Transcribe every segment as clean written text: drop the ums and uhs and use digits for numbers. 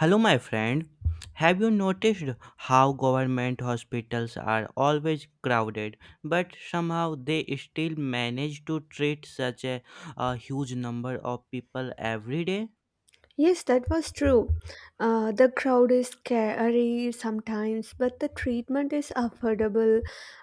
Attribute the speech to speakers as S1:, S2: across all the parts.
S1: Hello, my friend. Have you noticed how government hospitals are always crowded, but somehow they still manage to treat such a huge number of people every day?
S2: Yes, that was true. The crowd is scary sometimes, but the treatment is affordable,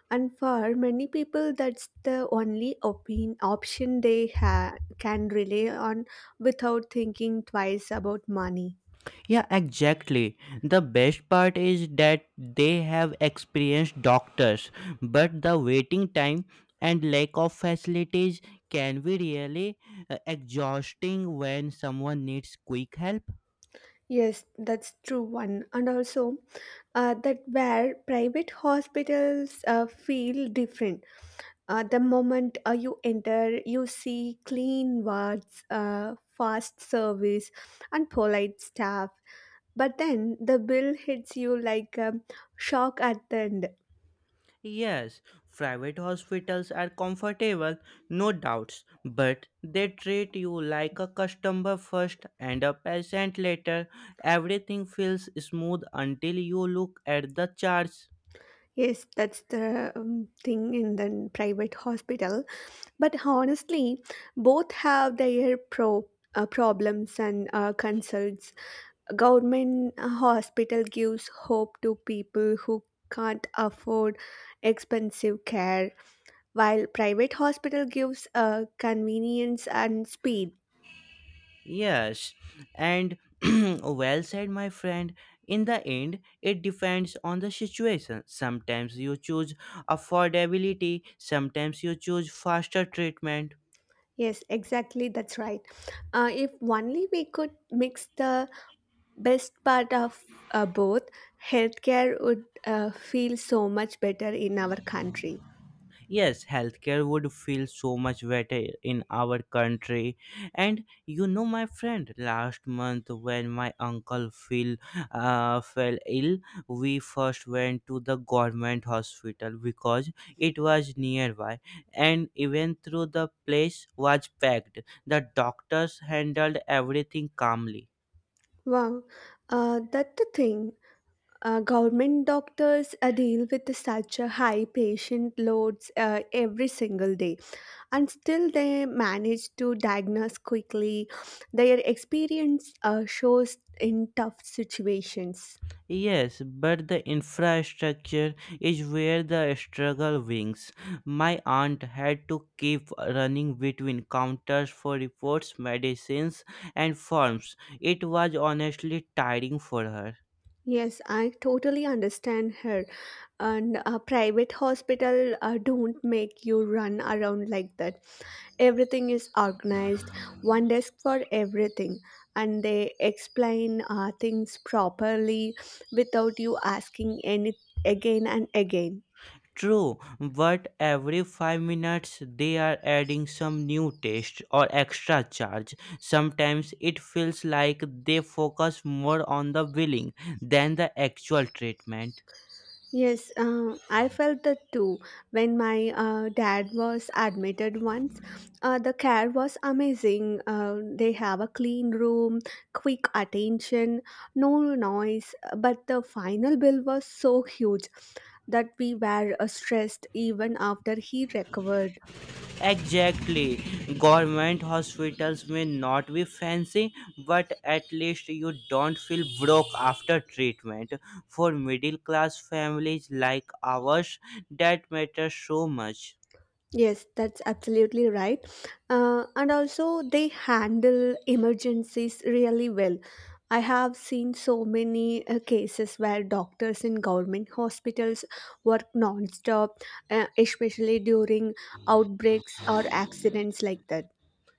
S2: and for many people, that's the only option they can rely on without thinking twice about money.
S1: Yeah, exactly. The best part is that they have experienced doctors, but the waiting time and lack of facilities can be really exhausting when someone needs quick help.
S2: Yes, that's true one. And also, that where private hospitals feel different. The moment you enter, you see clean wards, fast service, and polite staff. But then the bill hits you like a shock at the end.
S1: Yes, private hospitals are comfortable, no doubts, but they treat you like a customer first and a patient later. Everything feels smooth until you look at the charts.
S2: Yes, that's the thing in the private hospital. But honestly, both have their problems and concerns. Government hospital gives hope to people who can't afford expensive care, while private hospital gives convenience and speed.
S1: Yes, and well said, my friend. In the end, it depends on the situation. Sometimes you choose affordability, sometimes you choose faster treatment.
S2: Yes, exactly, that's right. If only we could mix the best part of both, healthcare would feel so much better in our country.
S1: Yes, healthcare would feel so much better in our country. And you know, my friend, last month when my uncle fell ill, we first went to the government hospital because it was nearby, and even though the place was packed, the doctors handled everything calmly.
S2: Wow, that's the thing. Government doctors deal with such a high patient loads every single day. And still they manage to diagnose quickly. Their experience shows in tough situations.
S1: Yes, but the infrastructure is where the struggle wings. My aunt had to keep running between counters for reports, medicines, and forms. It was honestly tiring for her.
S2: Yes, I totally understand her. And a private hospital don't make you run around like that. Everything is organized, one desk for everything, and they explain things properly without you asking any again and again.
S1: True, but every 5 minutes they are adding some new test or extra charge. Sometimes it feels like they focus more on the billing than the actual treatment.
S2: Yes, I felt that too. When my dad was admitted once, the care was amazing. They have a clean room, quick attention, no noise. But the final bill was so huge that we were stressed even after he recovered.
S1: Exactly. Government hospitals may not be fancy, but at least you don't feel broke after treatment. For middle class families like ours, that matters so much.
S2: Yes, that's absolutely right. And also, they handle emergencies really well. I have seen so many cases where doctors in government hospitals work non-stop, especially during outbreaks or accidents like that.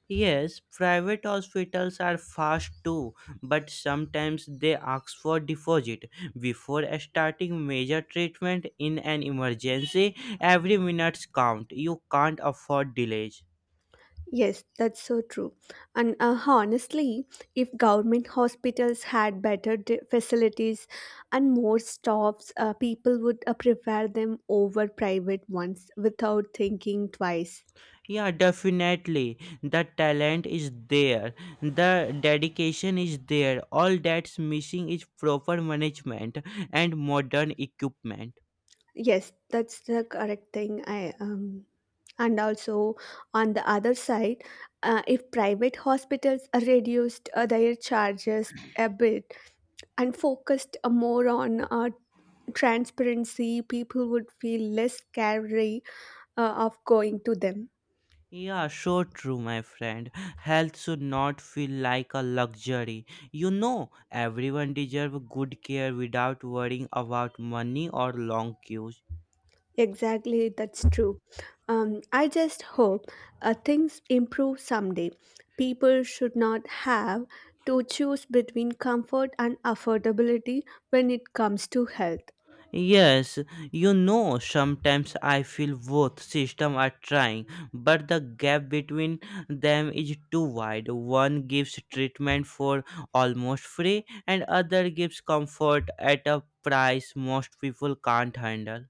S1: Yes, private hospitals are fast too, but sometimes they ask for deposit. Before starting major treatment in an emergency, every minute counts. You can't afford delays.
S2: Yes, that's so true. And honestly, if government hospitals had better facilities and more stops, people would prefer them over private ones without thinking twice.
S1: Yeah, definitely. The talent is there, the dedication is there. All that's missing is proper management and modern equipment.
S2: Yes, that's the correct thing. I And also, on the other side, if private hospitals are reduced their charges a bit and focused more on transparency, people would feel less scary of going to them.
S1: Yeah, so true, my friend. Health should not feel like a luxury. You know, everyone deserves good care without worrying about money or long queues.
S2: Exactly, that's true. I just hope things improve someday. People should not have to choose between comfort and affordability when it comes to health.
S1: Yes, you know, sometimes I feel both systems are trying, but the gap between them is too wide. One gives treatment for almost free, and other gives comfort at a price most people can't handle.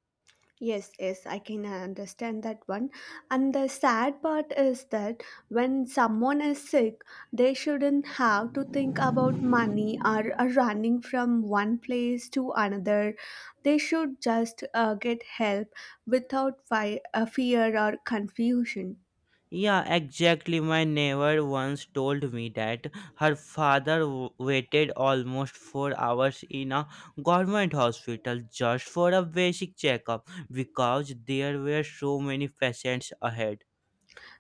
S2: Yes, yes, I can understand that one. And the sad part is that when someone is sick, they shouldn't have to think about money or running from one place to another. They should just get help without fear or confusion.
S1: Yeah, exactly. My neighbor once told me that her waited almost 4 hours in a government hospital just for a basic checkup because there were so many patients ahead.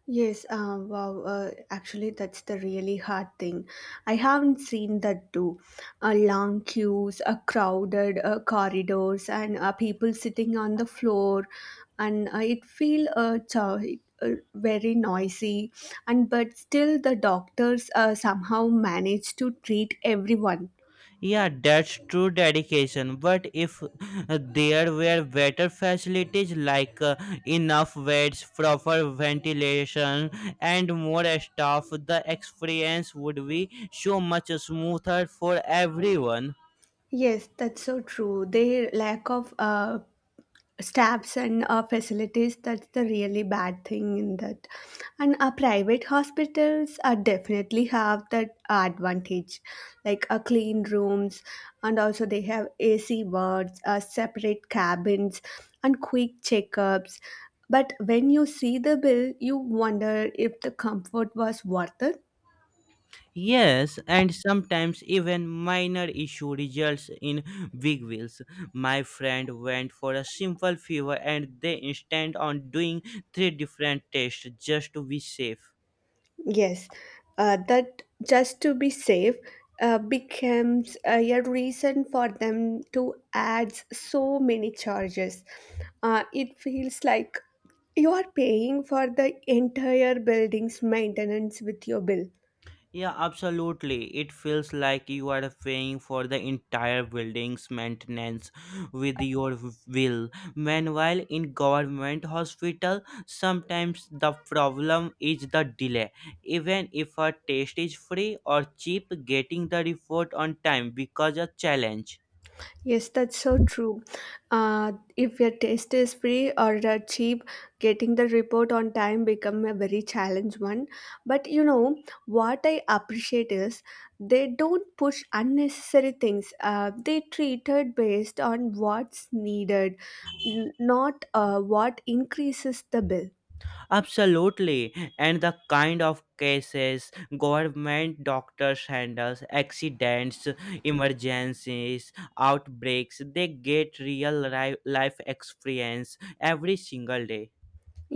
S2: Yes, wow. Actually, that's the really hard thing. I haven't seen that too. Long queues, crowded corridors, and people sitting on the floor, and it feel very noisy. And but still, the doctors somehow manage to treat everyone.
S1: Yeah, that's true dedication. But if there were better facilities like enough beds, proper ventilation, and more staff, the experience would be so much smoother for everyone.
S2: Yes, that's so true. Their lack of staffs and facilities, that's the really bad thing in that. And private hospitals definitely have that advantage, like clean rooms, and also they have AC wards, separate cabins, and quick checkups. But when you see the bill, you wonder if the comfort was worth it.
S1: Yes, and sometimes even minor issue results in big wheels. My friend went for a simple fever and they insisted on doing three different tests just to be safe.
S2: Yes, that just to be safe becomes a reason for them to add so many charges. It feels like you are paying for the entire building's maintenance with your bill.
S1: Yeah, absolutely. It feels like you are paying for the entire building's maintenance with your will. Meanwhile, in government hospital, sometimes the problem is the delay. Even if a test is free or cheap, getting the report on time becomes a challenge.
S2: Yes, that's so true. If your test is free or cheap, getting the report on time become a very challenge one. But you know what I appreciate is they don't push unnecessary things. They treat it based on what's needed, not what increases the bill.
S1: Absolutely, and the kind of cases government doctors handles accidents, emergencies, outbreaks, they get real ri- life experience every single day.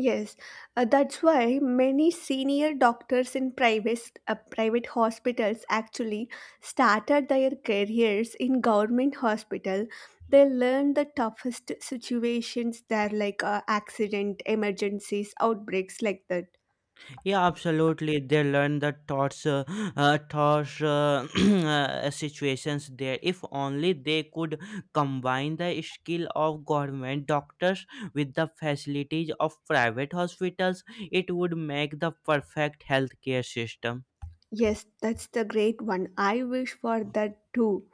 S2: Yes, that's why many senior doctors in private hospitals actually started their careers in government hospital. They learn the toughest situations there, like accident, emergencies, outbreaks, like that.
S1: Yeah, absolutely. They learn the situations there. If only they could combine the skill of government doctors with the facilities of private hospitals, it would make the perfect healthcare system.
S2: Yes, that's the great one. I wish for that too.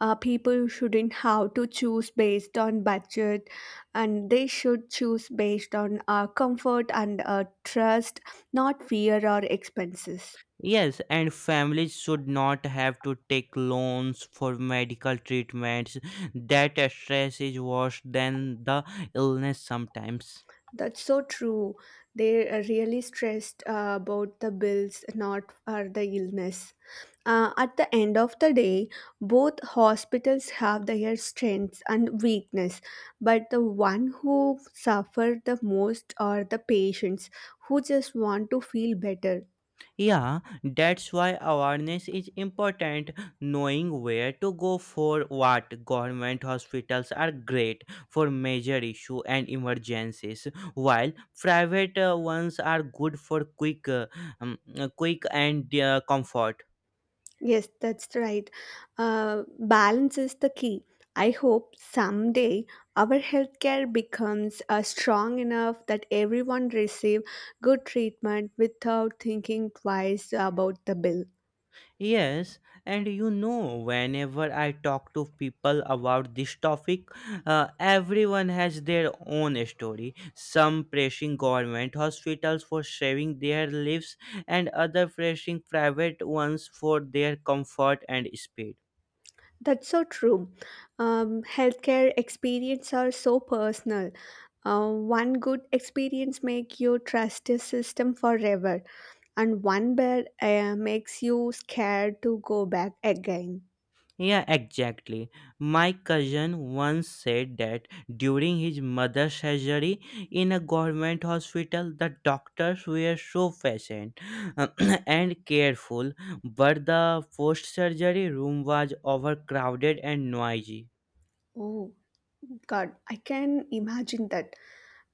S2: Uh, people shouldn't have to choose based on budget, and they should choose based on comfort and trust, not fear or expenses.
S1: Yes, and families should not have to take loans for medical treatments. That stress is worse than the illness sometimes.
S2: That's so true. They are really stressed about the bills, not the illness. Uh, at the end of the day, both hospitals have their strengths and weakness, but the one who suffer the most are the patients who just want to feel better.
S1: Yeah, that's why awareness is important. Knowing where to go for what. Government hospitals are great for major issue and emergencies, while private ones are good for quick and comfort.
S2: Yes, that's right. Balance is the key. I hope someday our healthcare becomes strong enough that everyone receive good treatment without thinking twice about the bill.
S1: Yes, and you know, whenever I talk to people about this topic, everyone has their own story. Some praising government hospitals for saving their lives, and other praising private ones for their comfort and speed.
S2: That's so true. Healthcare experience are so personal. One good experience make you trust the system forever, and one bad makes you scared to go back again.
S1: Yeah, exactly. My cousin once said that during his mother's surgery in a government hospital, the doctors were so patient and careful, but the post surgery room was overcrowded and noisy.
S2: Oh God, I can imagine that.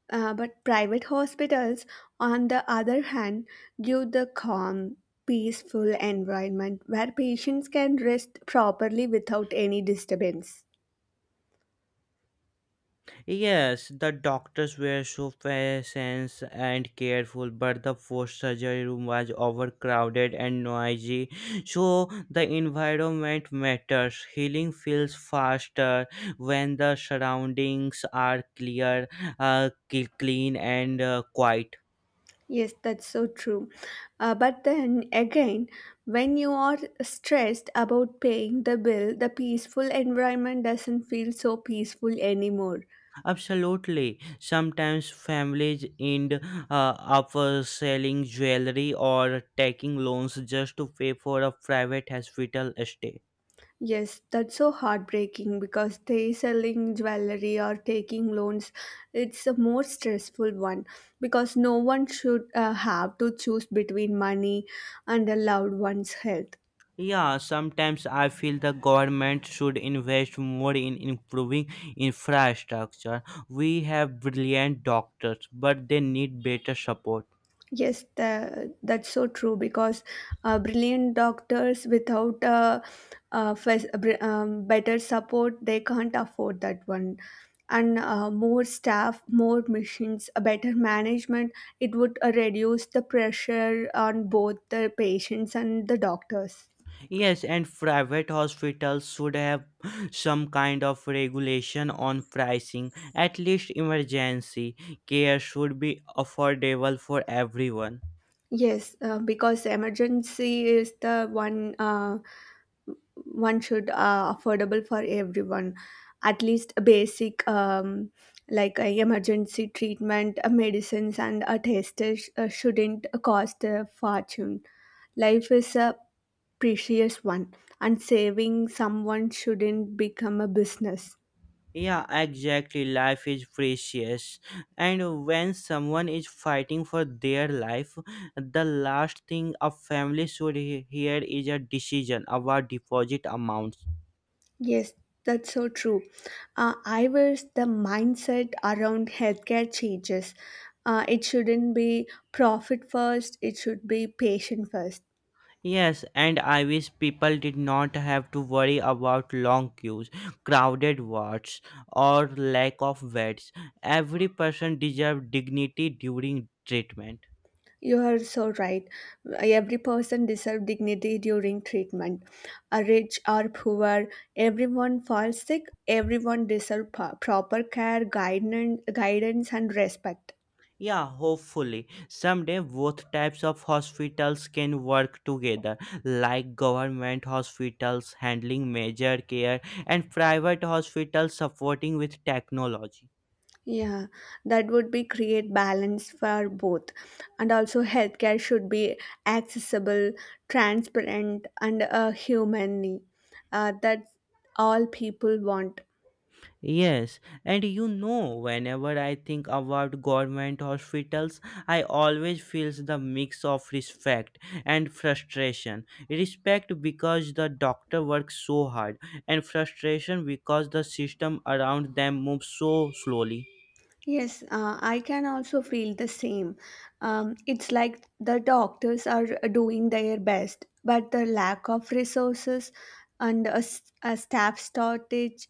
S2: But private hospitals, on the other hand, give the calm, peaceful environment where patients can rest properly without any disturbance.
S1: Yes, the doctors were so patient and careful, but the post surgery room was overcrowded and noisy. So the environment matters. Healing feels faster when the surroundings are clear, clean, and quiet.
S2: Yes, that's so true. But then again, when you are stressed about paying the bill, the peaceful environment doesn't feel so peaceful anymore.
S1: Absolutely. Sometimes families end up selling jewelry or taking loans just to pay for a private hospital stay.
S2: Yes, that's so heartbreaking because they selling jewelry or taking loans. It's a more stressful one because no one should have to choose between money and a loved one's health.
S1: Yeah, sometimes I feel the government should invest more in improving infrastructure. We have brilliant doctors, but they need better support.
S2: Yes, that's so true because brilliant doctors without better support, they can't afford that one. And more staff, more machines, a better management, it would reduce the pressure on both the patients and the doctors.
S1: Yes, and private hospitals should have some kind of regulation on pricing. At least emergency care should be affordable for everyone.
S2: Yes, because emergency is the one. One should affordable for everyone, at least a basic like a emergency treatment, medicines and a test shouldn't cost a fortune. Life is a precious one, and saving someone shouldn't become a business.
S1: Yeah, exactly. Life is precious. And when someone is fighting for their life, the last thing a family should hear is a decision about deposit amounts.
S2: Yes, that's so true. I wish the mindset around healthcare changes. Uh, it shouldn't be profit first, it should be patient first.
S1: Yes, and I wish people did not have to worry about long queues, crowded wards, or lack of beds. Every person deserves dignity during treatment.
S2: You are so right. Every person deserves dignity during treatment. A rich or poor, everyone falls sick, everyone deserves proper care, guidance and respect.
S1: Yeah, hopefully. Someday both types of hospitals can work together, like government hospitals handling major care and private hospitals supporting with technology.
S2: Yeah, that would be create balance for both. And also healthcare should be accessible, transparent and humanly. That's all people want.
S1: Yes, and you know, whenever I think about government hospitals, I always feels the mix of respect and frustration. Respect because the doctor works so hard, and frustration because the system around them moves so slowly.
S2: Yes, I can also feel the same. It's like the doctors are doing their best, but the lack of resources and a staff shortage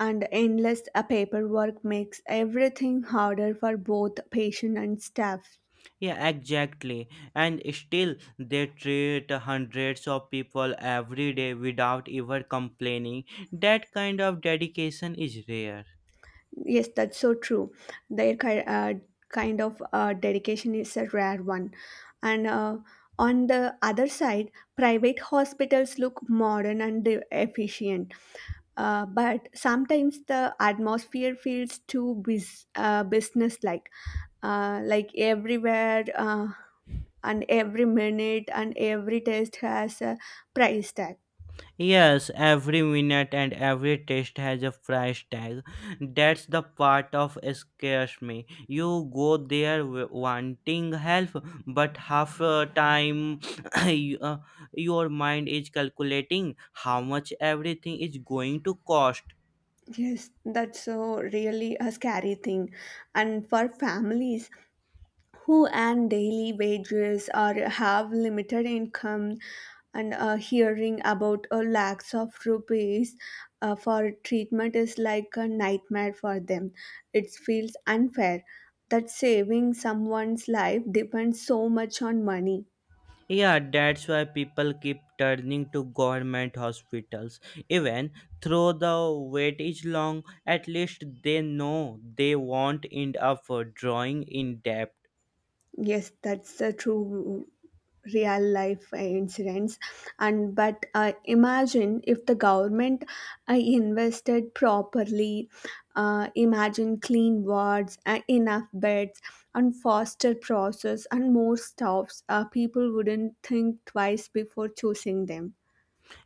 S2: and endless paperwork makes everything harder for both patient and staff.
S1: Yeah, exactly. And still, they treat hundreds of people every day without ever complaining. That kind of dedication is rare.
S2: Yes, that's so true. Their kind of dedication is a rare one. And on the other side, private hospitals look modern and efficient. But sometimes the atmosphere feels too business-like, like everywhere and every minute and every test has a price tag.
S1: Yes, every minute and every test has a price tag. That's the part of scares me. You go wanting help, but half time you- uh, your mind is calculating how much everything is going to cost.
S2: Yes, that's so really a scary thing. And for families who earn daily wages or have limited income, and hearing about a lakhs of rupees for treatment is like a nightmare for them. It feels unfair that saving someone's life depends so much on money.
S1: Yeah, that's why people keep turning to government hospitals. Even though the wait is long, at least they know they won't end up drawing in debt.
S2: Yes, that's the true real life incidents. And but imagine if the government invested properly. Imagine clean wards, enough beds, and faster process, and more staffs. People wouldn't think twice before choosing them.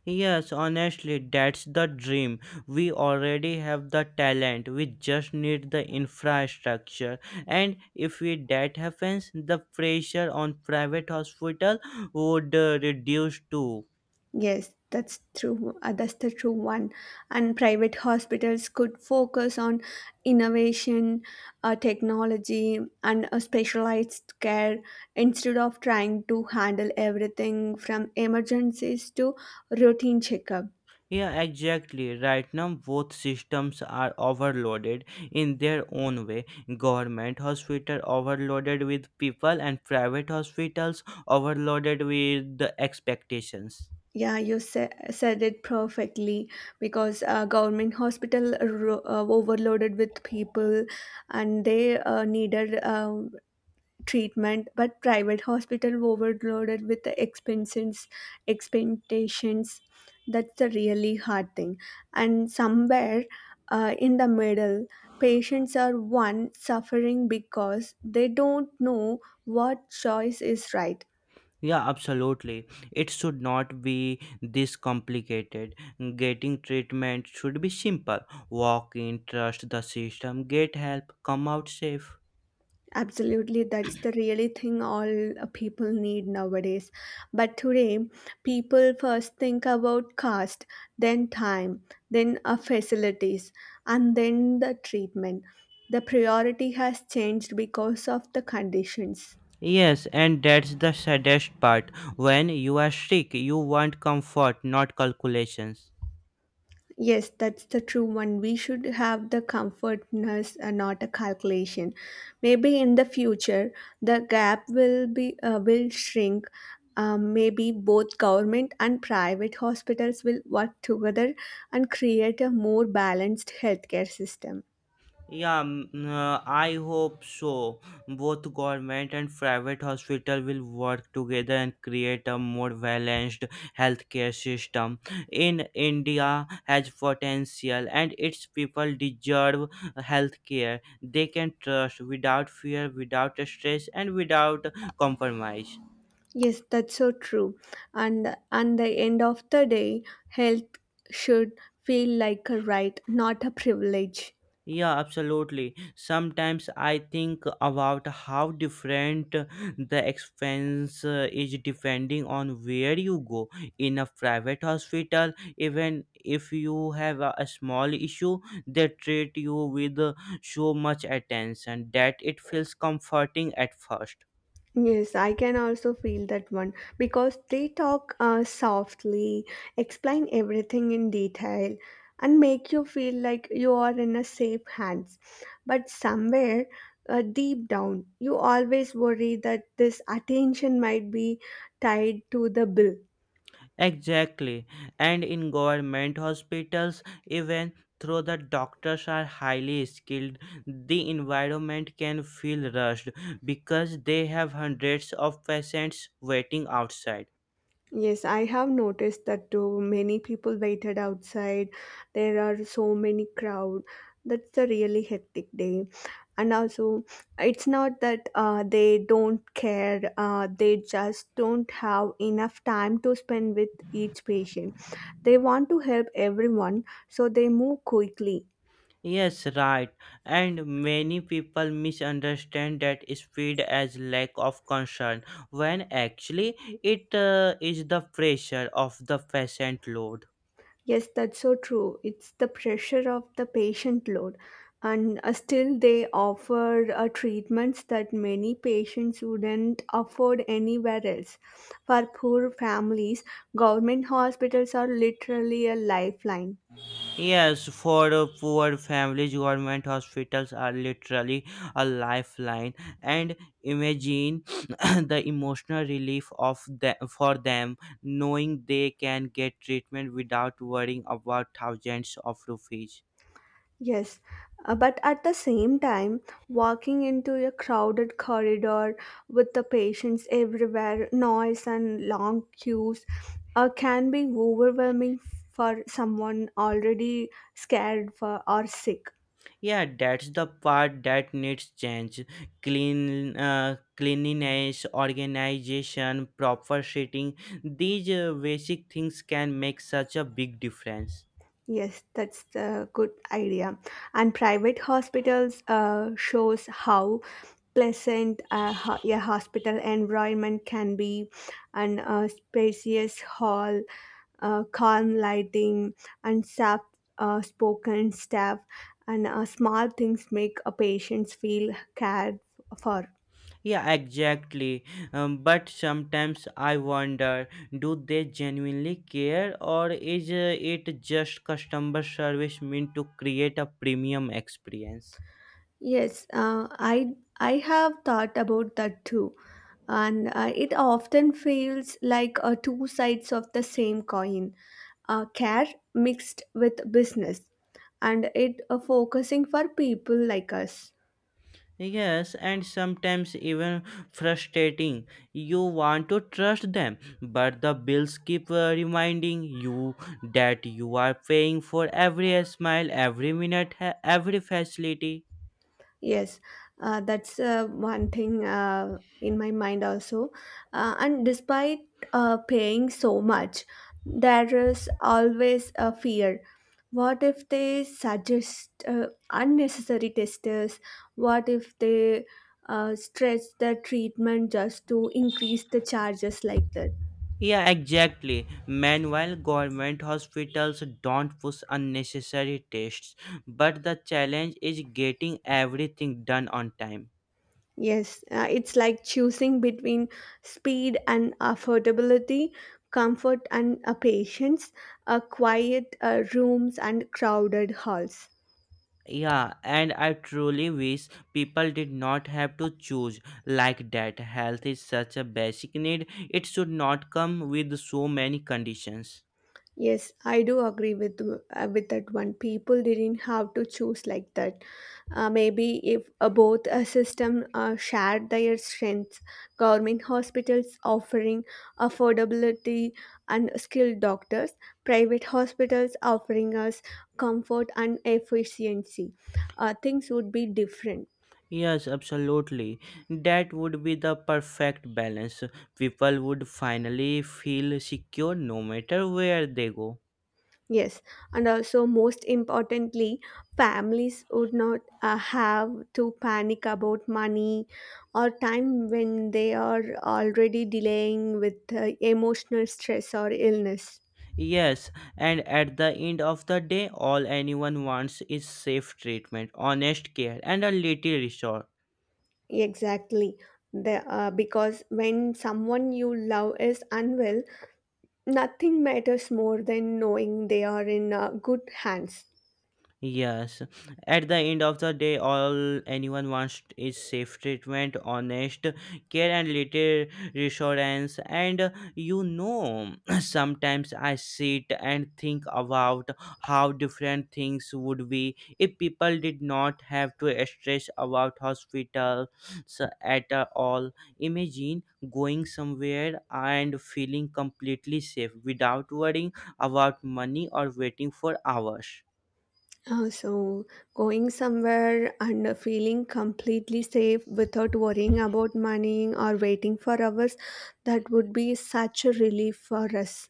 S1: Yes, honestly, that's the dream. We already have the talent, we just need the infrastructure. And if we, that happens, the pressure on private hospital would reduce too.
S2: Yes, that's true. That's the true one. And private hospitals could focus on innovation, technology, and specialized care instead of trying to handle everything from emergencies to routine checkup.
S1: Yeah, exactly. Right now, both systems are overloaded in their own way. Government hospital overloaded with people, and private hospitals overloaded with the expectations.
S2: Yeah, you said it perfectly because government hospital overloaded with people, and they needed. Treatment but private hospital overloaded with the expenses expectations, that's the really hard thing. And somewhere in the middle, patients are one suffering because they don't know what choice is right.
S1: Yeah, absolutely. It should not be this complicated. Getting treatment should be simple. Walk in, trust the system, get help, come out safe.
S2: Absolutely, that's the really thing all people need nowadays. But today, people first think about cost, then time, then facilities, and then the treatment. The priority has changed because of the conditions.
S1: Yes, and that's the saddest part. When you are sick, you want comfort, not calculations.
S2: Yes, that's the true one. We should have the comfortness and not a calculation. Maybe in the future, the gap will be will shrink. Maybe both government and private hospitals will work together and create a more balanced healthcare system.
S1: Yeah, I hope so. Both government and private hospital will work together and create a more balanced healthcare system. In India has potential and its people deserve healthcare they can trust without fear, without stress and without compromise.
S2: Yes, that's so true. And the end of the day, health should feel like a right, not a privilege.
S1: Yeah, absolutely. Sometimes I think about how different the expense is depending on where you go. In a private hospital, even if you have a small issue, they treat you with so much attention that it feels comforting at first.
S2: Yes, I can also feel that one because they talk softly, explain everything in detail, and make you feel like you are in a safe hands. But somewhere deep down, you always worry that this attention might be tied to the bill.
S1: Exactly. And in government hospitals, even though the doctors are highly skilled, the environment can feel rushed because they have hundreds of patients waiting outside.
S2: Yes, I have noticed that too. Many people waited outside. There are so many crowd. That's a really hectic day. And also, it's not that they don't care. They just don't have enough time to spend with each patient. They want to help everyone, so they move quickly.
S1: Yes, right. And many people misunderstand that speed as lack of concern when actually it is the pressure of the patient load.
S2: Yes, that's so true. It's the pressure of the patient load. And Still, they offer treatments that many patients wouldn't afford anywhere else. For poor families, government hospitals are literally a lifeline.
S1: Yes, for poor families, government hospitals are literally a lifeline. And imagine the emotional relief of the, for them knowing they can get treatment without worrying about thousands of rupees.
S2: Yes, but at the same time, walking into a crowded corridor with the patients everywhere, noise and long queues can be overwhelming for someone already scared for, or sick.
S1: Yeah, that's the part that needs change. Cleanliness, organization, proper seating. These basic things can make such a big difference.
S2: Yes, that's the good idea. And private hospitals shows how pleasant a hospital environment can be, and a spacious hall, calm lighting, and soft spoken staff, and small things make a patients feel cared for.
S1: Yeah, exactly. But sometimes I wonder, do they genuinely care or is it just customer service meant to create a premium experience?
S2: Yes, I have thought about that too, and it often feels like two sides of the same coin, care mixed with business, and it focusing for people like us.
S1: Yes, and sometimes even frustrating. You want to trust them, but the bills keep reminding you that you are paying for every smile, every minute, every facility.
S2: Yes, that's one thing in my mind also. And despite paying so much, there is always a fear. What if they suggest unnecessary tests? What if they stretch the treatment just to increase the charges like that?
S1: Yeah, exactly. Meanwhile, government hospitals don't push unnecessary tests, but the challenge is getting everything done on time.
S2: Yes, it's like choosing between speed and affordability, comfort and patience, quiet rooms and crowded halls.
S1: Yeah, and I truly wish people did not have to choose like that. Health is such a basic need, it should not come with so many conditions.
S2: Yes, I do agree with that one. People didn't have to choose like that. Maybe if both a system shared their strengths, government hospitals offering affordability and skilled doctors, private hospitals offering us comfort and efficiency, things would be different.
S1: Yes, absolutely. That would be the perfect balance. People would finally feel secure no matter where they go.
S2: Yes, and also most importantly, families would not have to panic about money or time when they are already delaying with emotional stress or illness.
S1: Yes, and at the end of the day, all anyone wants is safe treatment, honest care, and a little resource.
S2: Exactly. Because when someone you love is unwell, nothing matters more than knowing they are in good hands.
S1: Yes, at the end of the day, all anyone wants is safe treatment, honest care, and little reassurance. And you know, sometimes I sit and think about how different things would be if people did not have to stress about hospitals at all. Imagine going somewhere and feeling completely safe without worrying about money or waiting for hours.
S2: So, going somewhere and feeling completely safe without worrying about money or waiting for hours, that would be such a relief for us.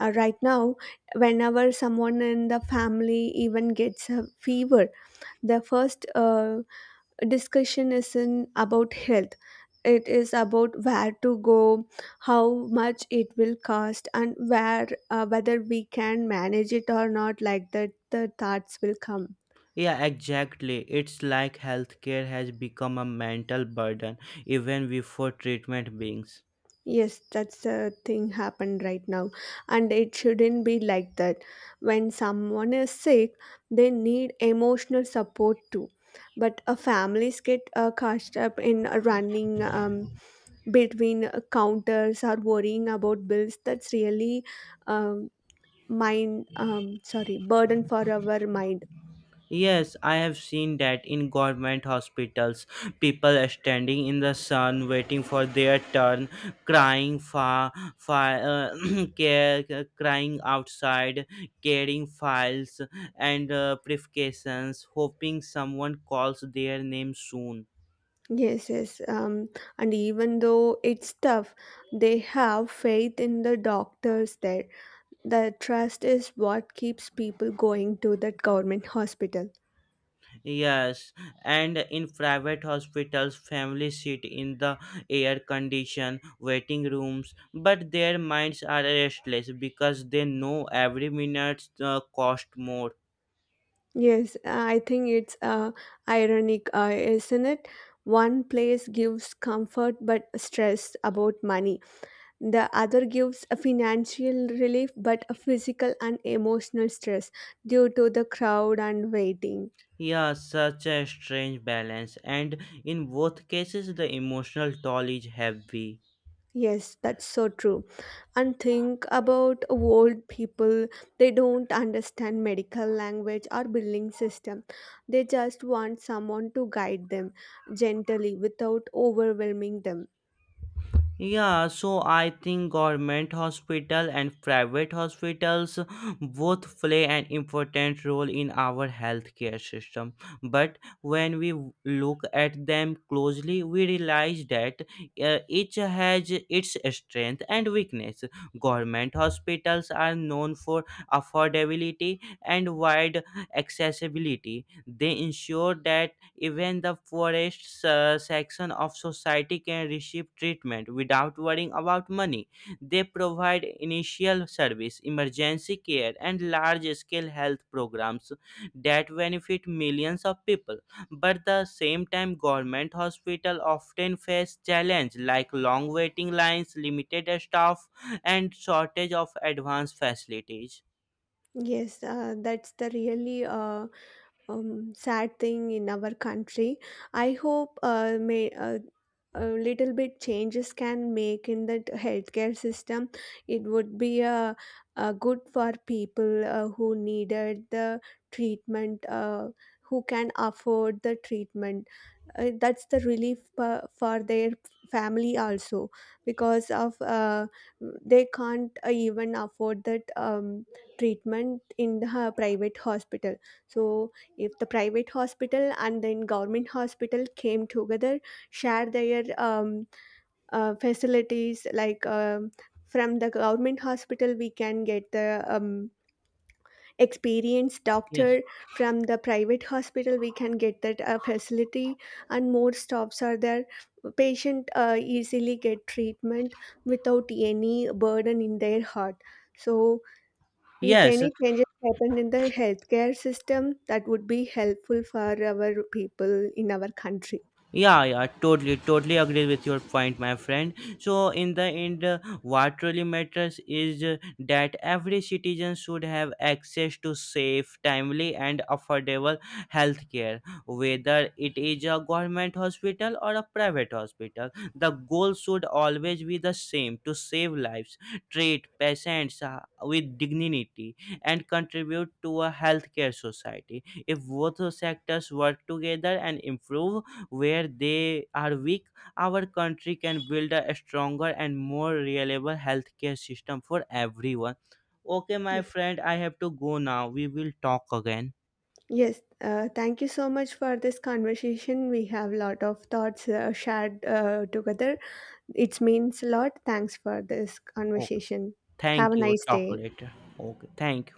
S2: Right now, whenever someone in the family even gets a fever, the first discussion isn't about health. It is about where to go, how much it will cost, and where whether we can manage it or not. Like that, the thoughts will come.
S1: Yeah, exactly. It's like healthcare has become a mental burden even before treatment begins.
S2: Yes, that's the thing happened right now. And it shouldn't be like that. When someone is sick, they need emotional support too. But families get cast up in running between counters or worrying about bills. That's really um, sorry, burden for our mind.
S1: Yes, I have seen that in government hospitals, people are standing in the sun waiting for their turn, crying for care, crying outside, carrying files and briefcases, hoping someone calls their name soon.
S2: Yes, yes, and even though it's tough, they have faith in the doctors there. The trust is what keeps people going to that government hospital.
S1: Yes, and in private hospitals, families sit in the air conditioned waiting rooms, but their minds are restless because they know every minute cost more.
S2: Yes, I think it's ironic, isn't it? One place gives comfort but stress about money. The other gives a financial relief but a physical and emotional stress due to the crowd and waiting.
S1: Yeah, such a strange balance, and in both cases, the emotional toll is heavy.
S2: Yes, that's so true. And think about old people. They don't understand medical language or billing system. They just want someone to guide them gently without overwhelming them.
S1: Yeah, so I think government hospital and private hospitals both play an important role in our healthcare system. But when we look at them closely, we realize that each has its strength and weakness. Government hospitals are known for affordability and wide accessibility. They ensure that even the poorest section of society can receive treatment without worrying about money. They provide initial service, emergency care, and large scale health programs that benefit millions of people. But the same time, government hospital often face challenge like long waiting lines, limited staff, and shortage of advanced facilities.
S2: Yes, that's the really sad thing in our country. I hope a little bit changes can make in the healthcare system. It would be good for people who needed the treatment, who can afford the treatment. That's the relief for their family also because of they can't even afford that treatment in the private hospital, so if the private hospital and then government hospital came together, share their facilities like from the government hospital we can get the experienced
S1: Yes.
S2: doctor, from the private hospital we can get that facility, and more stops are there, patient easily get treatment without any burden in their heart, so if
S1: Yes,
S2: any changes happen in the healthcare system, that would be helpful for our people in our country.
S1: yeah, totally agree with your point, my friend. So, in the end, what really matters is that every citizen should have access to safe, timely, and affordable healthcare, whether it is a government hospital or a private hospital. The goal should always be the same to save lives, treat patients with dignity, and contribute to a healthcare society. If both sectors work together and improve, where they are weak, our country can build a stronger and more reliable healthcare system for everyone. Okay, my
S2: Yes.
S1: friend, I have to go now. We will talk again.
S2: Yes. Thank you so much for this conversation. We have a lot of thoughts shared together. It means a lot. Thanks for this
S1: Okay,
S2: conversation. Have
S1: thank
S2: a
S1: you.
S2: nice
S1: Talk
S2: day.
S1: later. Okay, thank you.